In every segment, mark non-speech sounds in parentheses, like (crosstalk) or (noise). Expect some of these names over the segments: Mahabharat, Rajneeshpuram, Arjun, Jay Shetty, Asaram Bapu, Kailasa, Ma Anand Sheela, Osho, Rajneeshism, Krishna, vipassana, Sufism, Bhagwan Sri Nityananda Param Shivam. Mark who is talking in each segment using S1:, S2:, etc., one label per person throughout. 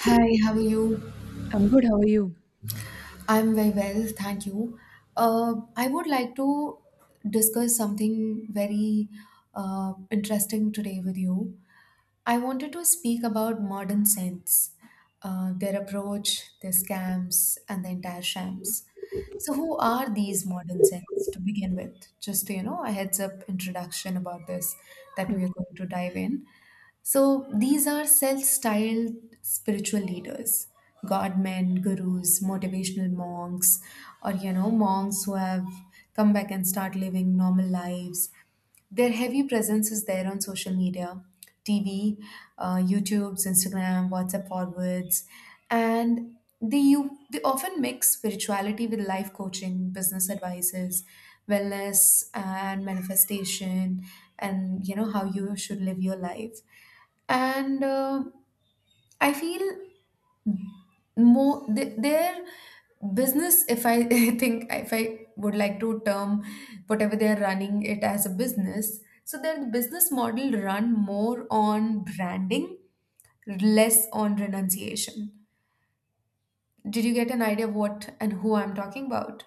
S1: Hi, how are you?
S2: I'm good. How are you?
S1: I'm very well, thank you. I would like to discuss something very interesting today with you. I wanted to speak about modern saints, their approach, their scams, and the entire shams. So, who are these modern saints to begin with? Just a heads up introduction about this that
S2: Yep.
S1: we are going to dive in. So, these are self styled spiritual leaders, godmen, gurus, motivational monks, or monks who have come back and start living normal lives. Their heavy presence is there on social media, TV, YouTube's, Instagram, WhatsApp forwards, and they often mix spirituality with life coaching, business advices, wellness, and manifestation, and you know how you should live your life. And I feel more they, their business if I (laughs) think if I would like to term whatever they are running it as a business, so their business model run more on branding, less on renunciation. Did you get an idea of what and who I'm talking about?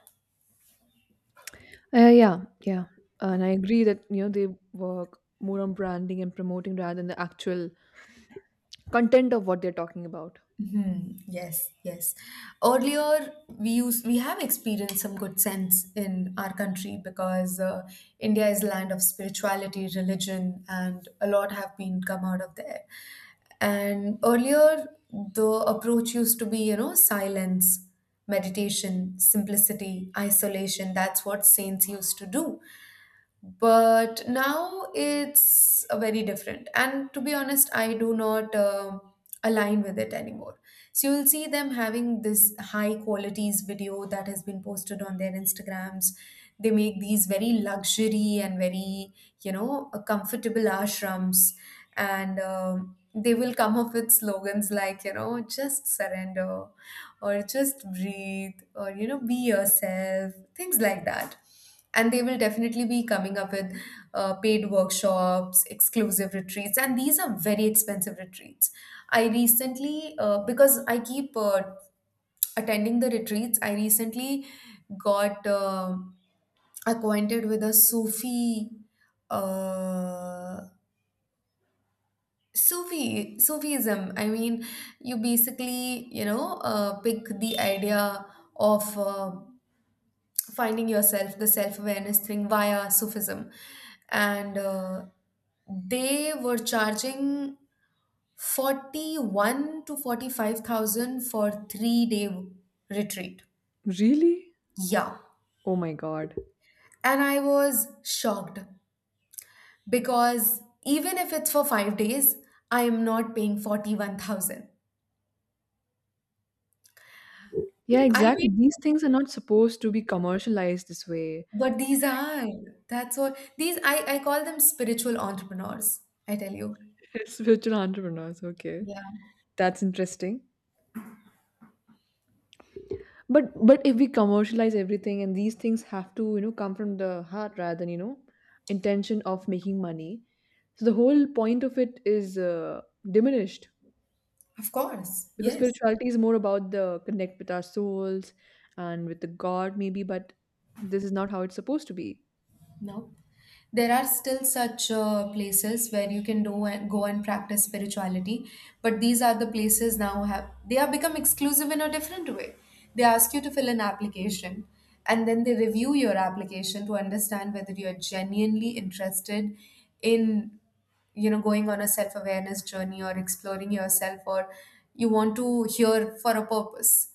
S2: Yeah, yeah. And I agree that, you know, they work more on branding and promoting rather than the actual content of what they're talking about.
S1: Mhm. Yes, yes. Earlier, we have experienced some good sense in our country because India is a land of spirituality, religion, and a lot have been come out of there. And earlier, the approach used to be, silence, meditation, simplicity, isolation. That's what saints used to do, but now it's very different, and to be honest I do not align with it anymore. So you'll see them having this high qualities video that has been posted on their Instagrams. They make these very luxury and very comfortable ashrams, and they will come up with slogans like just surrender or just breathe or be yourself, things like that. And they will definitely be coming up with paid workshops, exclusive retreats, and these are very expensive retreats. I recently because I keep attending the retreats, I recently got acquainted with a uh, Sufi, Sufism. I mean, you basically, pick the idea of finding yourself, the self awareness thing via Sufism. And they were charging 41 to 45,000 for 3 day retreat.
S2: Really?
S1: Yeah.
S2: Oh my God.
S1: And I was shocked because even if it's for 5 days, I am not paying 41,000.
S2: Yeah,
S1: I
S2: exactly.
S1: mean,
S2: These things are not supposed to be commercialized this way.
S1: but these are, that's what, these, I call them spiritual entrepreneurs, I tell you.
S2: (laughs) Spiritual entrepreneurs, okay.
S1: Yeah.
S2: That's interesting. But if we commercialize everything, and these things have to, you know, come from the heart rather than, you know, intention of making money. So the whole point of it is diminished,
S1: Of course.
S2: because
S1: Yes.
S2: spirituality is more about the connect with our souls and with the god maybe, but this is not how it's supposed to be.
S1: No. There are still such places where you can do and go and practice spirituality, but these are the places now have they have become exclusive in a different way. They ask you to fill an application, and then they review your application to understand whether you're genuinely interested in going on a self awareness journey, or exploring yourself, or you want to hear for a purpose,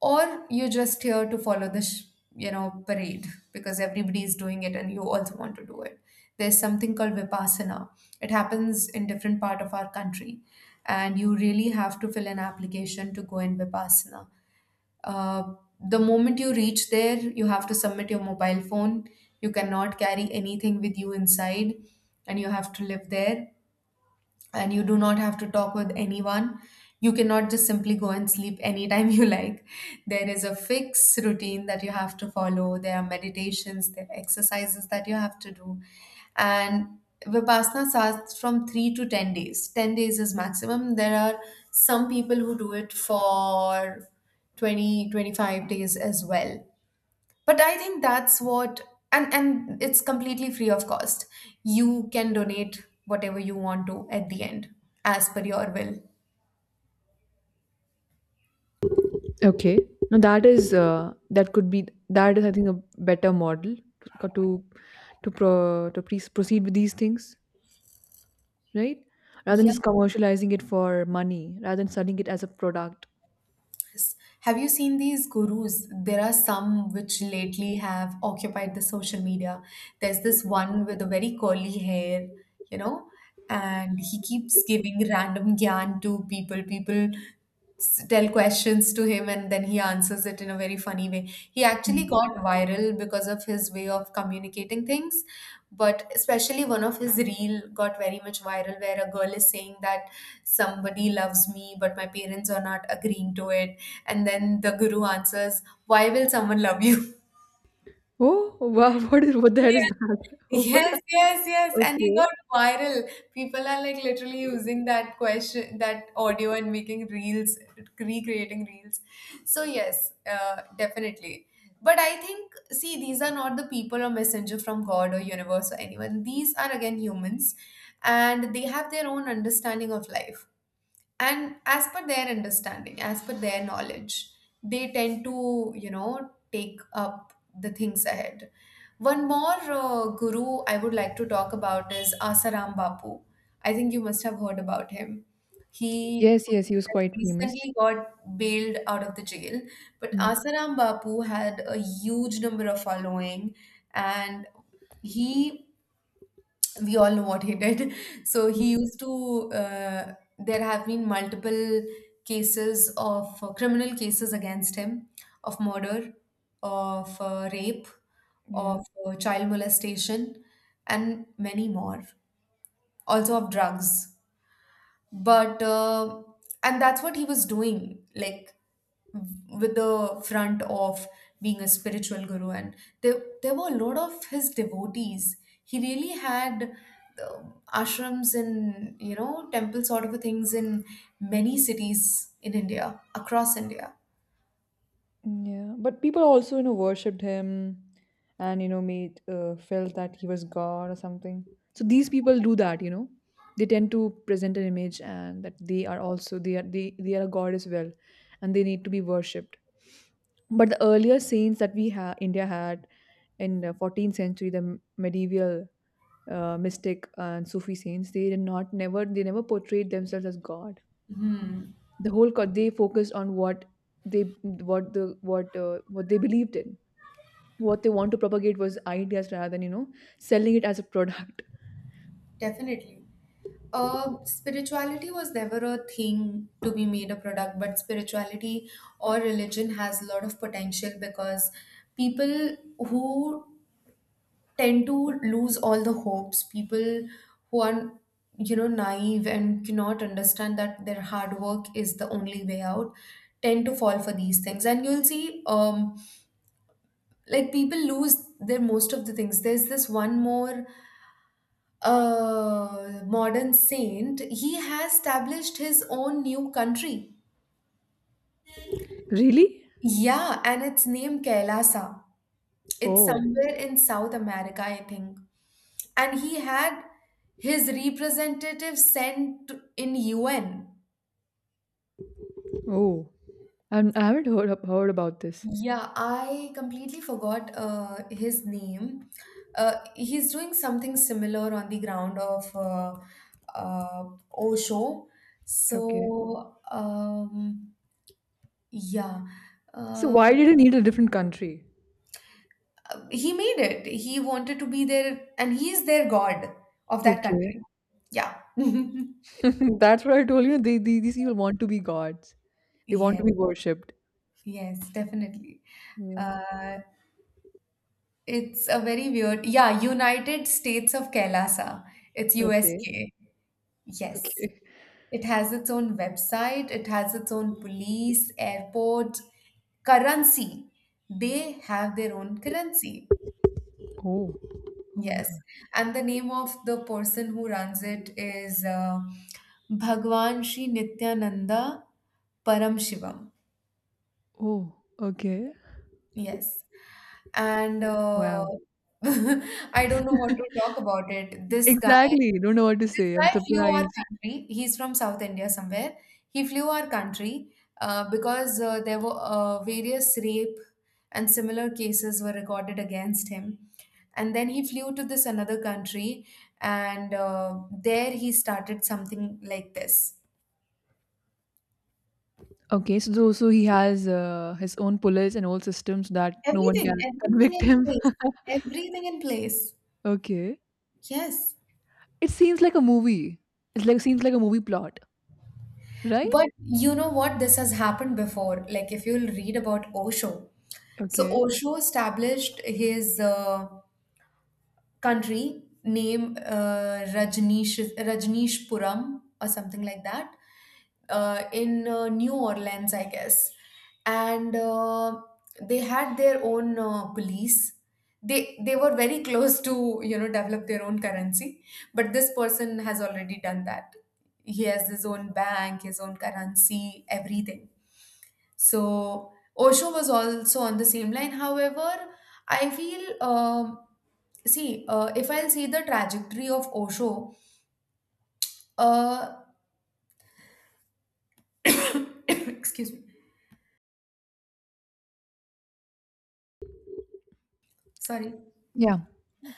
S1: or you're just here to follow the parade because everybody is doing it and you also want to do it. There's something called Vipassana. It happens in different part of our country, and you really have to fill an application to go in Vipassana. uh, the moment you reach there, you have to submit your mobile phone. You cannot carry anything with you inside, and you have to live there, and you do not have to talk with anyone. You cannot just simply go and sleep anytime (laughs) you like. There is a fixed routine that you have to follow. There are meditations, there are exercises that you have to do. And Vipassana starts from three to 10 days. 10 days is maximum. There are some people who do it for 20 to 25 days as well, but I think that's what, and it's completely free of cost. You can donate whatever you want to at the end as per your will.
S2: Okay, now that is that could be, that is I think a better model to to to proceed with these things, right, rather than
S1: Yes.
S2: just commercializing it for money, rather than selling it as a product.
S1: Have you seen these gurus? There are some which lately have occupied the social media. There's this one with a very curly hair, you know, and he keeps giving random gyan to people. People tell questions to him, and then he answers it in a very funny way. He actually
S2: Mm.
S1: got viral because of his way of communicating things, but especially one of his reel got very much viral, where a girl is saying that somebody loves me, but my parents are not agreeing to it. And then the guru answers, "Why will someone love you?"
S2: Oh wow, (laughs) what is, what the hell
S1: (laughs)
S2: is that?
S1: Yes, yes, yes.
S2: (laughs)
S1: And he
S2: Okay.
S1: got viral. People are like literally using that question, that audio, and making reels, recreating reels. So, yes, definitely. But I think, see, these are not the people or messenger from God or universe or anyone. These are again humans, and they have their own understanding of life, and as per their understanding, as per their knowledge, they tend to take up the things ahead. One more guru I would like to talk about is Asaram Bapu. I think you must have heard about him. He
S2: Yes, yes, he was
S1: has
S2: quite famous.
S1: recently got bailed out of the jail, but
S2: Mm.
S1: Asaram Bapu had a huge number of following, and he we all know what he did. (laughs) So he used to, there have been multiple cases of criminal cases against him, of murder, of rape,
S2: Yeah.
S1: of child molestation, and many more. Also of drugs, but and that's what he was doing, like, with the front of being a spiritual guru. And there were a lot of his devotees. He really had uh, ashrams and temple sort of things in many cities in India, across India.
S2: Yeah, but people also, you know, worshipped him and, you know, made felt that he was God or something. So these people do that, you know. They tend to present an image, and that they are also, they are they are a god as well, and they need to be worshipped. But the earlier saints that we ha India had in the 14th century, the medieval mystic and Sufi saints, they did not never they never portrayed themselves as God. The they focused on what they, what the what they believed in, what they want to propagate, was ideas rather than, you know, selling it as a product.
S1: Definitely. Spirituality was never a thing to be made a product, but spirituality or religion has a lot of potential because people who tend to lose all the hopes, people who are, you know, naive and cannot understand that their hard work is the only way out, tend to fall for these things. And you'll see, like, people lose their most of the things. There's this one more a modern saint. He has established his own new country.
S2: (laughs) Really?
S1: Yeah, and it's named Kailasa. It's
S2: Oh.
S1: somewhere in South America, I think. And he had his representative sent in UN.
S2: Oh, I'm, I haven't heard about this.
S1: Yeah, I completely forgot his name. He's doing something similar on the ground of uh, Osho.
S2: Okay.
S1: So, yeah.
S2: So why
S1: Uh,
S2: did it need a different country?
S1: he made it. He wanted to be there, and he is their god of that
S2: Okay.
S1: country. Yeah. (laughs)
S2: (laughs) That's what I told you, they these people want to be gods, they want to
S1: Yes,
S2: be worshipped.
S1: yes, definitely.
S2: Yeah.
S1: Uh, it's a very weird, yeah, United States of Kailasa. It's
S2: Okay.
S1: USK. Yes.
S2: Okay.
S1: It has its own website, it has its own police, airport, currency. They have their own currency.
S2: Oh. Oh my
S1: Yes,
S2: god.
S1: and the name of the person who runs it is Bhagwan Sri Nityananda Param Shivam.
S2: Oh. Okay.
S1: Yes, and
S2: Wow.
S1: (laughs) I don't know what to talk about it. This guy,
S2: Exactly, don't know what to
S1: this
S2: say. I'm
S1: guy flew our
S2: surprised.
S1: country. He's from South India somewhere. He flew our country because there were various rape and similar cases were recorded against him. And then he flew to this another country, and there he started something like this.
S2: Okay, so tho so he has, his own police and all systems that no one
S1: everything
S2: can
S1: everything
S2: convict
S1: in
S2: him.
S1: place,
S2: (laughs)
S1: everything in place.
S2: Okay.
S1: Yes.
S2: It seems like a movie. It's like Seems like a movie plot, right?
S1: But you know what, this has happened before, like, if you'll read about Osho. So
S2: Okay.
S1: Osho established his country name Rajneeshpuram or something like that, in New Orleans, I guess. And they had their own police. They were very close to develop their own currency, but this person has already done that. He has his own bank, his own currency, everything. So Osho was also on the same line. However, I feel, see, if I'll see the trajectory of Osho, uh, (coughs) excuse me, sorry,
S2: Yeah.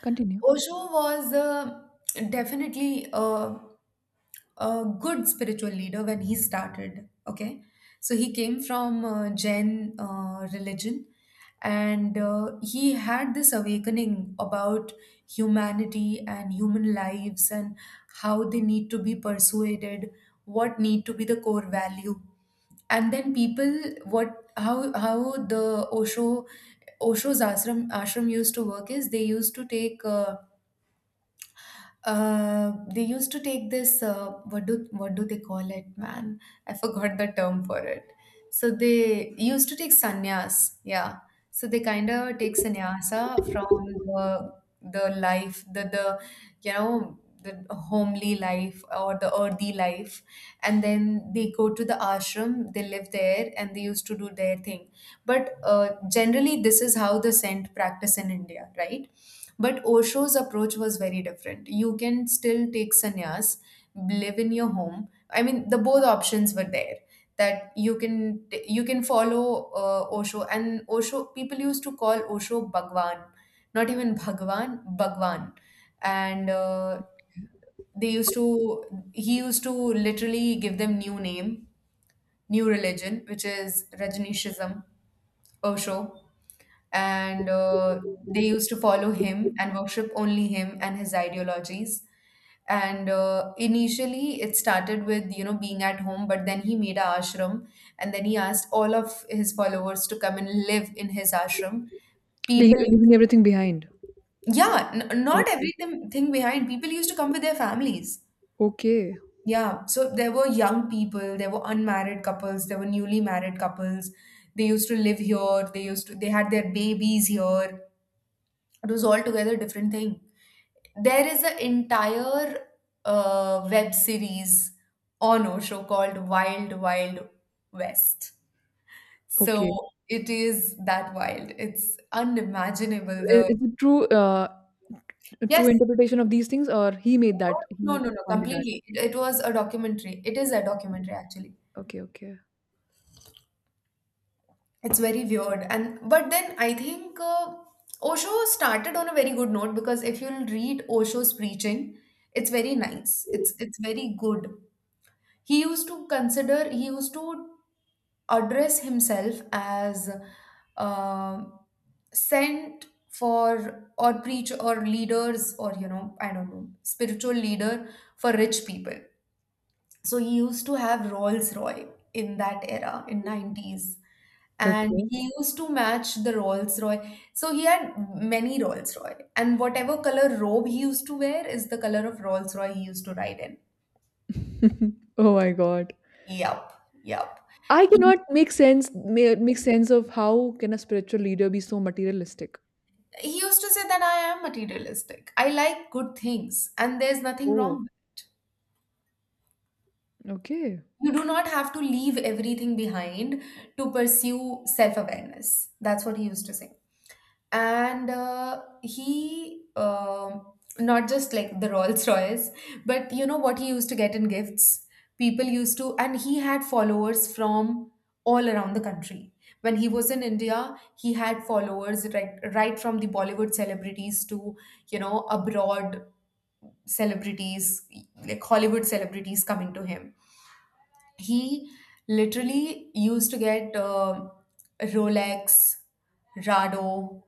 S2: Continue.
S1: Osho was definitely. A good spiritual leader when he started. Okay, so he came from Jain religion, and he had this awakening about humanity and human lives and how they need to be persuaded, what need to be the core value, and then people what how the Osho's ashram used to work is they used to take. They used to take this what do they call it, man. I forgot the term for it, so they used to take sannyas, yeah. So they kind of take sannyasa from the the life, the you know the homely life or the earthy life, and then they go to the ashram, they live there, and they used to do their thing. But generally, this is how the scent practice in India, right? But Osho's approach was very different. You can still take sannyas, live in your home. I mean, the both options were there. That You can follow Osho. And Osho people used to call Osho Bhagwan, not even Bhagwan, Bhagwan, and they used to he used to literally give them new name, new religion, which is Rajneeshism, Osho, and they used to follow him and worship only him and his ideologies. And Initially, it started with being at home, but then he made a ashram, and then he asked all of his followers to come and live in his ashram. People,
S2: Leaving everything behind.
S1: yeah, not
S2: Okay.
S1: everything thing behind. People used to come with their families.
S2: Okay.
S1: Yeah, so there were young people, there were unmarried couples, there were newly married couples. They used to live here, they used to they had their babies here. It was altogether a different thing. There is an entire web series on Osho called Wild Wild West. So
S2: Okay.
S1: it is that wild. It's
S2: So
S1: unimaginable.
S2: I
S1: The
S2: is it true, a true
S1: Yes,
S2: interpretation of these things, or he made that,
S1: no, no,
S2: he
S1: no, no,
S2: funded that?
S1: completely. It was a documentary. It is a documentary actually.
S2: Okay, okay.
S1: It's very weird, and but then I think Osho started on a very good note because if you'll read Osho's preaching, it's very nice, it's very good. He used to address himself as uh, sent for, or preach, or leaders, or you know, I don't know, spiritual leader for rich people. So he used to have Rolls Royce in that era in 90s, and
S2: Okay.
S1: he used to match the Rolls Royce. So he had many Rolls Royce, and whatever color robe he used to wear is the color of Rolls Royce he used to ride in.
S2: (laughs) Oh my God.
S1: Yup, yup.
S2: I
S1: he
S2: cannot make sense of how can a spiritual leader be so materialistic.
S1: he used to say that I am materialistic, I like good things, and there's nothing wrong
S2: Oh,
S1: with it.
S2: okay.
S1: You do not have to leave everything behind to pursue self awareness. That's what he used to say. And he Not just like the Rolls Royce, but you know what he used to get in gifts. And he had followers from all around the country. When he was in India, he had followers right from the Bollywood celebrities to abroad celebrities, like Hollywood celebrities coming to him. He literally used to get Rolex, Rado,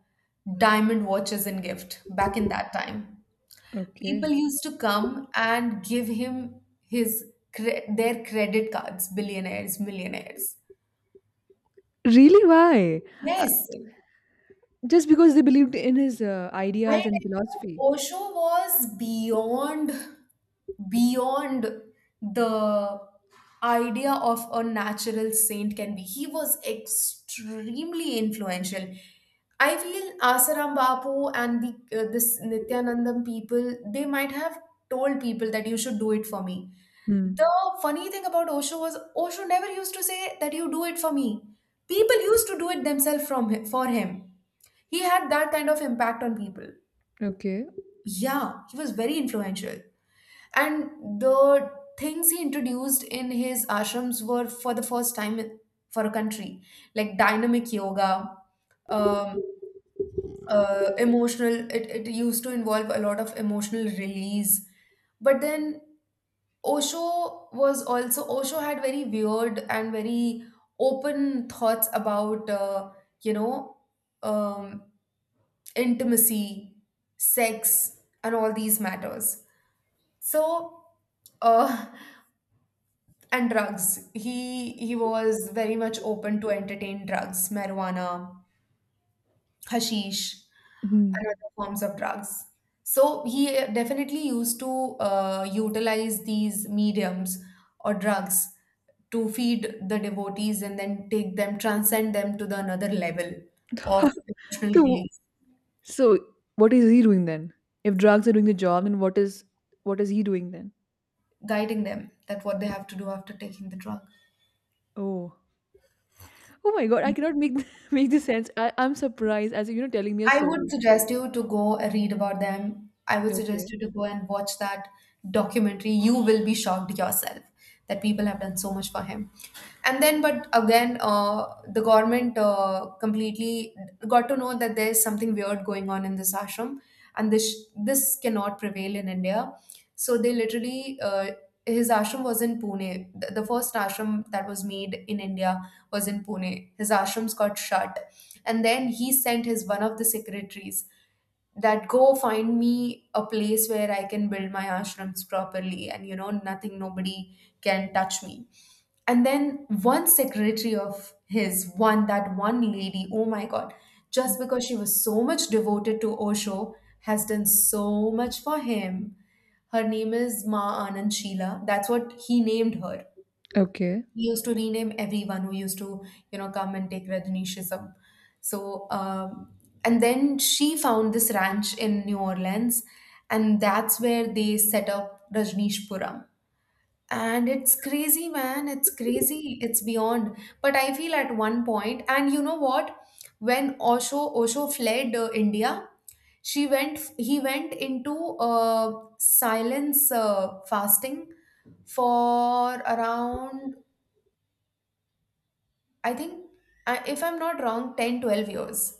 S1: diamond watches in gift back in that time. People
S2: Okay.
S1: used to come and give him his their credit cards, billionaires, millionaires.
S2: Really? Why? Uh,
S1: Yes,
S2: just because they believed in his
S1: I tell
S2: ideas and philosophy.
S1: you, Osho was beyond, beyond the idea of a natural saint can be. He was extremely influential. I feel Asaram Bapu and the this Nityanandam people, they might have told people that you should do it for me. The
S2: Hmm.
S1: funny thing about Osho was Osho never used to say that you do it for me. People used to do it themselves for him. He had that kind of impact on people.
S2: Okay.
S1: Yeah, he was very influential. And the things he introduced in his ashrams were for the first time for a country, like dynamic yoga, um, emotional, it used to involve a lot of emotional release. But then, Osho had very weird and very open thoughts about, you know, um, intimacy, sex, and all these matters. So, uh, and drugs. He was very much open to entertain drugs, marijuana, hashish,
S2: Hmm.
S1: and other forms of drugs. So he definitely used to utilize these mediums or drugs to feed the devotees and then take them, transcend them to the another level of
S2: (laughs)
S1: emotional
S2: So,
S1: release,
S2: so what is he doing then? If drugs are doing the job, then what is he doing then?
S1: guiding them that what they have to do after taking the drug.
S2: Oh. Oh my God, I cannot (laughs) make this sense. I'm surprised as you know telling me a
S1: I would
S2: story.
S1: suggest you to go read about them. I would
S2: Okay.
S1: suggest you to go and watch that documentary. You will be shocked yourself that people have done so much for him. And then, but again, the government completely got to know that there's something weird going on in this ashram, and this cannot prevail in India. So they literally. His ashram was in Pune. The first ashram that was made in India was in Pune. His ashrams got shut, and then he sent his one of the secretaries that go find me a place where I can build my ashrams properly and you know nothing nobody can touch me. And then one secretary of his, one that one lady, oh my god, just because she was so much devoted to Osho, has done so much for him. Her name is Ma Anand Sheela. That's what he named her.
S2: Okay.
S1: We used to rename everyone who used to come and take Rajneeshism. So, and then she found this ranch in New Orleans, and that's where they set up Rajneeshpuram. And it's crazy, man, it's crazy, it's beyond. But I feel at one point, and you know what, when Osho fled India, she went he went into uh, silence, fasting for around, I think, if I'm not wrong, 10-12 years.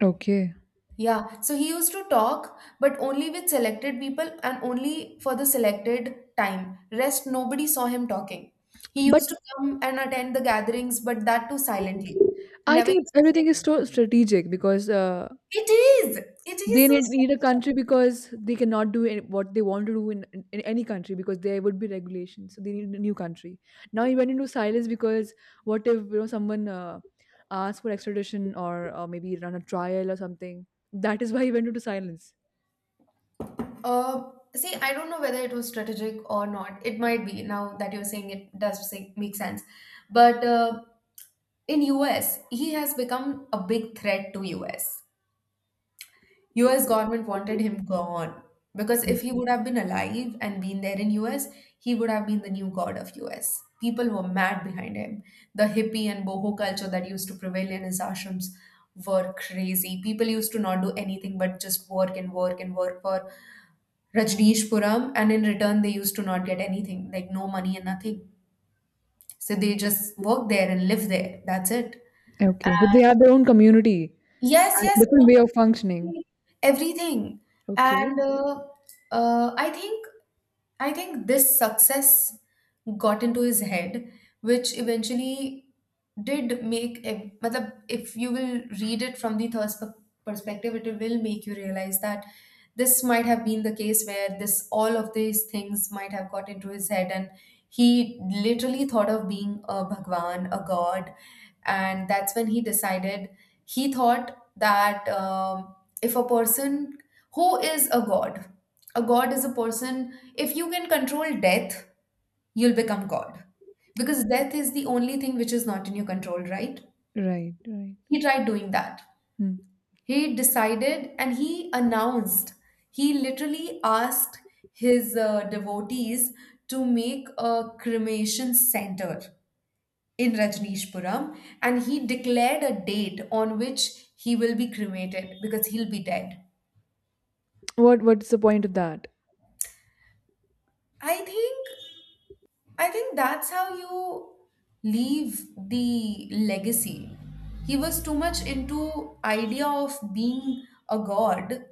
S2: Okay.
S1: Yeah. So he used to talk, but only with selected people and only for the selected time. Rest, nobody saw him talking. He
S2: But
S1: used to come and attend the gatherings, but that too silently. He
S2: I
S1: never
S2: think
S1: used to say,
S2: everything is so strategic because
S1: It is! It
S2: they
S1: is so
S2: need a
S1: strategic.
S2: country because they cannot do any, what they want to do in, in any country because there would be regulations. So they need a new country. Now he went into silence because what if, you know, someone asks for extradition, or maybe run a trial or something? That is why he went into silence.
S1: Uh, See, I don't know whether it was strategic or not. It might be, now that you're saying, it does make sense. But in US, he has become a big threat to US. US government wanted him gone because
S2: Mm.
S1: if he would have been alive and been there in US, he would have been the new god of US. People were mad behind him. The hippie and boho culture that used to prevail in his ashrams were crazy. People used to not do anything but just work and work and work for Rajneeshpuram, and in return they used to not get anything, like no money and nothing. So they just work there and live there. That's it.
S2: Okay, so they have their own community,
S1: Yes,
S2: a
S1: yes,
S2: different
S1: own
S2: way of functioning.
S1: community, everything.
S2: Okay.
S1: And I think, this success got into his head, which eventually did make matlab, if you will read it from the thirst perspective, it will make you realize that this might have been the case where this all of these things might have got into his head, and he literally thought of being a Bhagwan, a god. And that's when he decided, he thought that if a person who is a god, a god is a person, if you can control death, you'll become god because death is the only thing which is not in your control, right?
S2: Right, right.
S1: He tried doing that.
S2: Hmm.
S1: He decided and he announced. He literally asked his devotees to make a cremation center in Rajneeshpuram, and he declared a date on which he will be cremated because he'll be dead.
S2: What, what's the point of that?
S1: I think I think that's how you leave the legacy. He was too much into idea of being a god.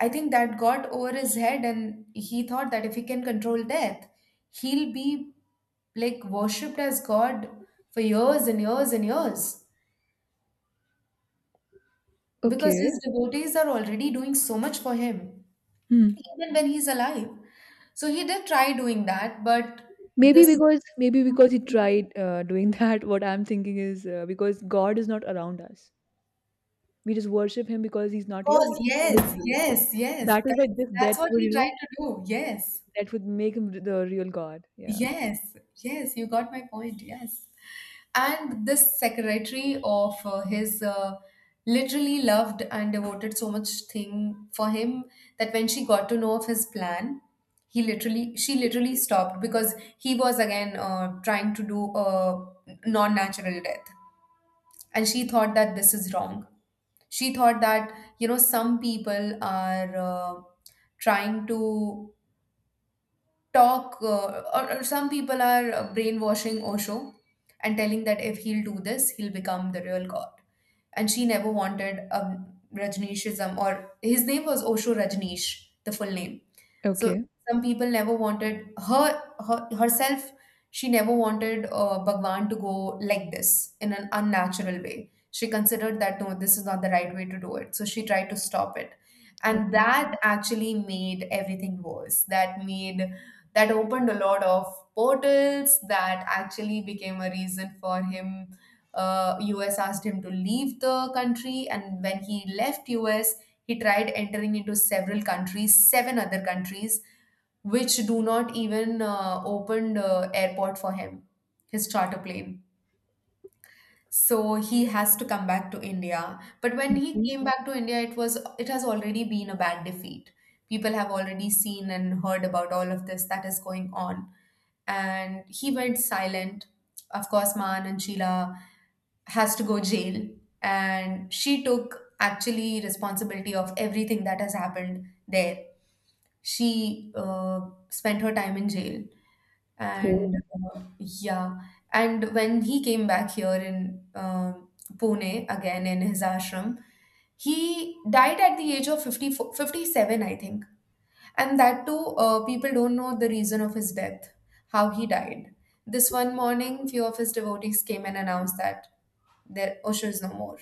S1: I think that got over his head, and he thought that if he can control death, he'll be like worshipped as god for years and years and years because
S2: Okay.
S1: his devotees are already doing so much for him
S2: Hmm.
S1: even when he's alive. So he did try doing that, but
S2: Maybe
S1: this
S2: because, he tried doing (laughs) that. What I'm thinking is, because God is not around us. We just worship Him because He's not here.
S1: course,
S2: He's
S1: yes,
S2: invisible.
S1: yes, yes.
S2: That is why
S1: That's
S2: this death
S1: that's what
S2: would,
S1: he
S2: you know,
S1: tried to do. Yes,
S2: that would make him the real God. Yeah.
S1: yes, yes. You got my point. Yes. And this secretary of his, literally loved and devoted so much thing for him that when she got to know of his plan, he literally she literally stopped because he was again trying to do a non-natural death. And she thought that this is wrong. She thought that some people are trying to talk, or some people are brainwashing Osho and telling that if he'll do this, he'll become the real god. And she never wanted, Rajneeshism, or his name was Osho Rajneesh, the full name, so
S2: Okay.
S1: some people never wanted her, herself. She never wanted Bhagwan to go like this in an unnatural way. She considered that no, this is not the right way to do it. So she tried to stop it,
S2: Okay.
S1: and that actually made everything worse. That opened a lot of portals. That actually became a reason for him. U.S. asked him to leave the country, and when he left U.S, he tried entering into several countries, seven other countries, which do not even opened airport for him, his charter plane. So he has to come back to India. But when he
S2: Okay.
S1: came back to India, it has already been a bad defeat. People have already seen and heard about all of this that is going on. And he went silent. Of course, Maan and Sheila has to go jail and she took actually responsibility of everything that has happened there she spent her time in jail and
S2: Cool.
S1: yeah. And when he came back here in Pune again in his ashram, he died at the age of 54, 57 I think. And that too, people don't know the reason of his death, how he died. This one morning few of his devotees came and announced that there, Usher is no more.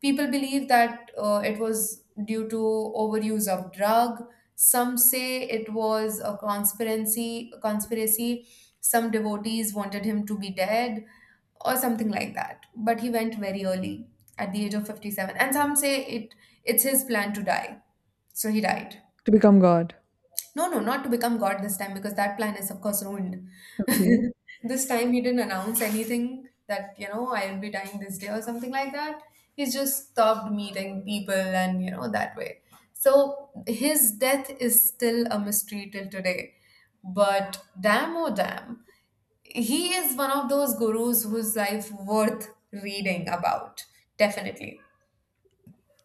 S1: People believe that it was due to overuse of drug. Some say it was a conspiracy. Conspiracy. Some devotees wanted him to be dead or something like that. But he went very early at the age of 57. And some say it's his plan to die. So he died.
S2: To become God.
S1: No, no, not to become God this time because that plan is, of course, ruined. (laughs)
S2: Okay.
S1: This time he didn't announce anything that, you know, I will be dying this day or something like that. He just stopped meeting people and, you know, that way. So his death is still a mystery till today. But damn, oh damn, he is one of those gurus whose life worth reading about, definitely,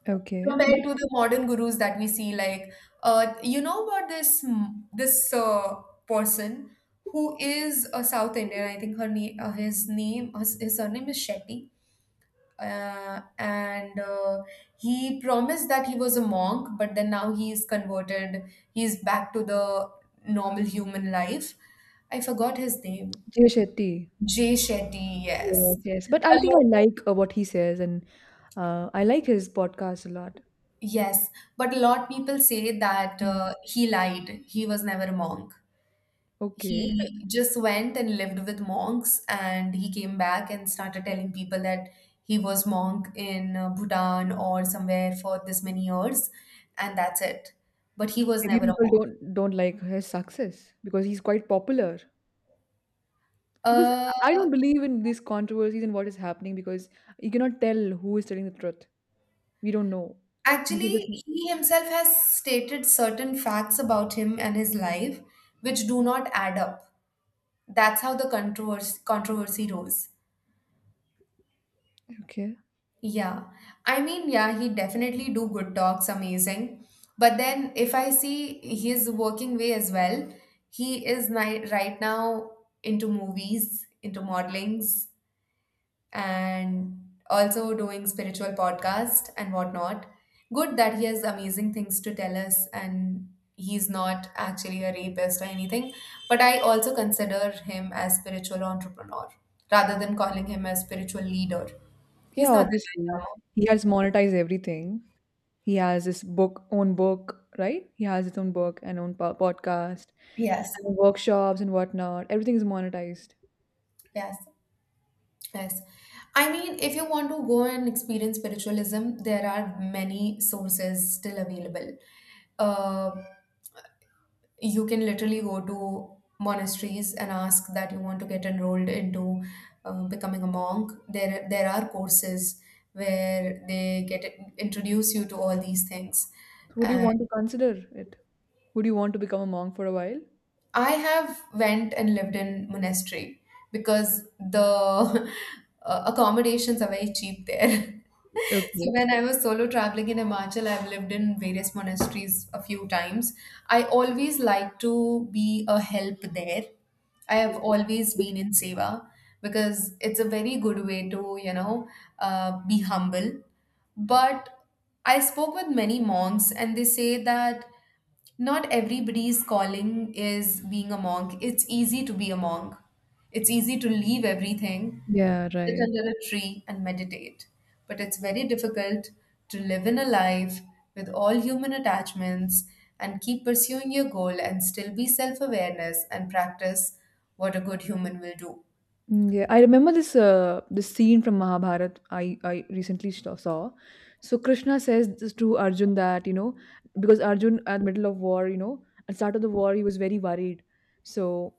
S2: Okay. But
S1: compared to the modern gurus that we see like, you know, about this person who is a South Indian, I think. Her name, his name, his surname is Shetty, and he promised that he was a monk but then now he is converted. He's back to the normal human life. I forgot his name.
S2: Jay Shetty.
S1: Jay Shetty, yes.
S2: Yes. Yes. But I
S1: A
S2: think I
S1: lot.
S2: like what he says, and I like his podcast a lot.
S1: Yes, but a lot people say that
S2: Mm.
S1: he lied. He was never a monk.
S2: Okay.
S1: He just went and lived with monks, and he came back and started telling people that he was monk in Bhutan or somewhere for this many years, and that's it. But he
S2: (laughs)
S1: was
S2: Maybe
S1: never a monk.
S2: people don't like his success because he's quite popular. Because
S1: Uh,
S2: I don't believe in these controversies and what is happening, because you cannot tell who is telling the truth. We don't know. You can
S1: actually,
S2: just—
S1: he himself has stated certain facts about him and his life which do not add up. That's how the controversy rose.
S2: Okay.
S1: Yeah. I mean, yeah, he definitely do good talks, amazing. But then if I see his working way as well, he is ni right now into movies, into modelings, and also doing spiritual podcast and whatnot. Good that he has amazing things to tell us and he's not actually a rapist or anything. But I also consider him as spiritual entrepreneur rather than calling him a spiritual leader.
S2: Yeah,
S1: He's not the
S2: obviously.
S1: Dalai.
S2: He has monetized everything. He has his book, own book, right? He has his own book and own podcast
S1: Yes,
S2: and workshops and whatnot. Everything is monetized.
S1: yes, yes. I mean, if you want to go and experience spiritualism, there are many sources still available. Uh, you can literally go to monasteries and ask that you want to get enrolled into becoming a monk. There are courses where they get introduce you to all these things.
S2: So would you want to consider it? Would you want to become a monk for a while?
S1: I have went and lived in monastery because the (laughs) accommodations are very cheap there. (laughs) So
S2: Okay.
S1: when I was solo traveling in Himachal, I've lived in various monasteries a few times. I always like to be a help there. I have always been in seva because it's a very good way to, you know, be humble. But I spoke with many monks, and they say that. Not everybody's calling is being a monk. It's easy to be a monk. It's easy to leave everything,
S2: Yeah,
S1: sit
S2: right.
S1: under a tree, and meditate. But it's very difficult to live in a life with all human attachments and keep pursuing your goal and still be self awareness and practice what a good human will do.
S2: Mm. Yeah, I remember this this scene from Mahabharat I recently saw. So Krishna says this to Arjun that, you know, because Arjun at middle of war, you know, at start of the war, he was very worried. So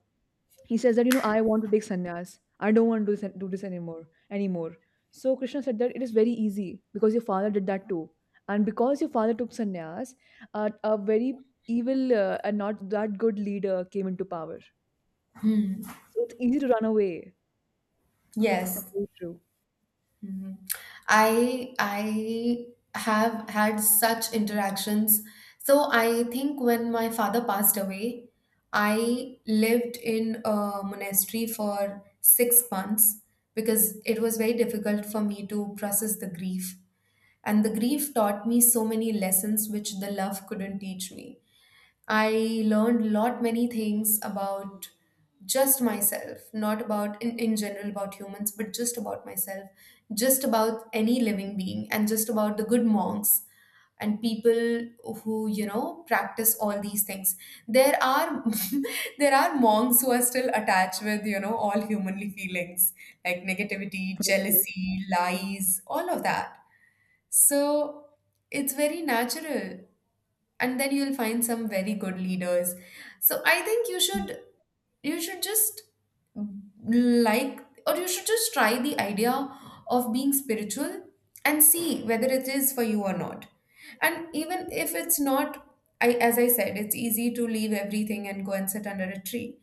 S2: he says that, you know, I want to take sannyas. I don't want to do this anymore. So Krishna said that it is very easy because your father did that too. And because your father took sannyas, a very evil and not that good leader came into power. So it's easy to run away. That's
S1: Yes.
S2: very true.
S1: Mhm. I have had such interactions. So I think when my father passed away, I lived in a monastery for 6 months because it was very difficult for me to process the grief. And the grief taught me so many lessons which the love couldn't teach me. I learned lot many things about just myself, not about in general about humans, but just about myself, just about any living being, and just about the good monks and people who you know practice all these things. There are (laughs) there are monks who are still attached with, you know, all humanly feelings like negativity,
S2: Okay.
S1: jealousy, lies, all of that. So it's very natural, and then you'll find some very good leaders. So I think you should, you should just, like, or you should just try the idea of being spiritual and see whether it is for you or not. And even if it's not, I, as I said, it's easy to leave everything and go and sit under a tree,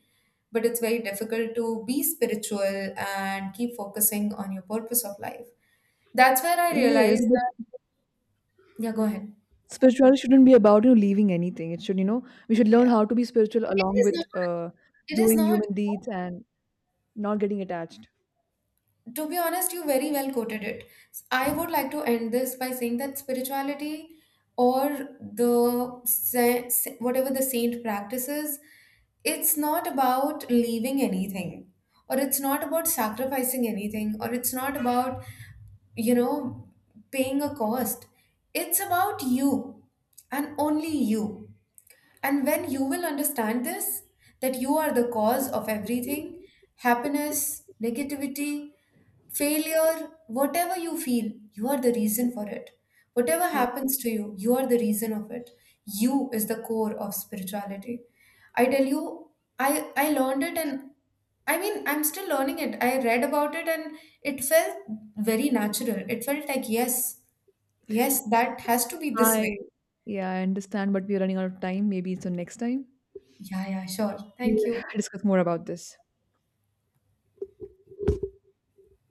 S1: but it's very difficult to be spiritual and keep focusing on your purpose of life. That's where I
S2: Yes,
S1: realized
S2: but
S1: that. Yeah, go ahead.
S2: spirituality shouldn't be about, you know, leaving anything. It should, you know, we should learn
S1: Yeah,
S2: how to be spiritual
S1: it
S2: along
S1: is
S2: with
S1: not it is
S2: doing
S1: not
S2: human deeds and not getting attached.
S1: To be honest, you very well quoted it. I would like to end this by saying that spirituality or whatever the saint practices, it's not about leaving anything, or it's not about sacrificing anything, or it's not about, you know, paying a cost. It's about you and only you. And when you will understand this, that you are the cause of everything, happiness, negativity, failure, whatever you feel, you are the reason for it. Whatever
S2: Yeah,
S1: happens to you, you are the reason of it. You is the core of spirituality. I tell you, I learned it, and I mean I'm still learning it. I read about it and it felt very natural. It felt like yes, yes, that has to be this
S2: I
S1: way.
S2: yeah, I understand, but we're running out of time. Maybe so next time
S1: Yeah, yeah, sure.
S2: we'll
S1: Thank you.
S2: (laughs) discuss more about this.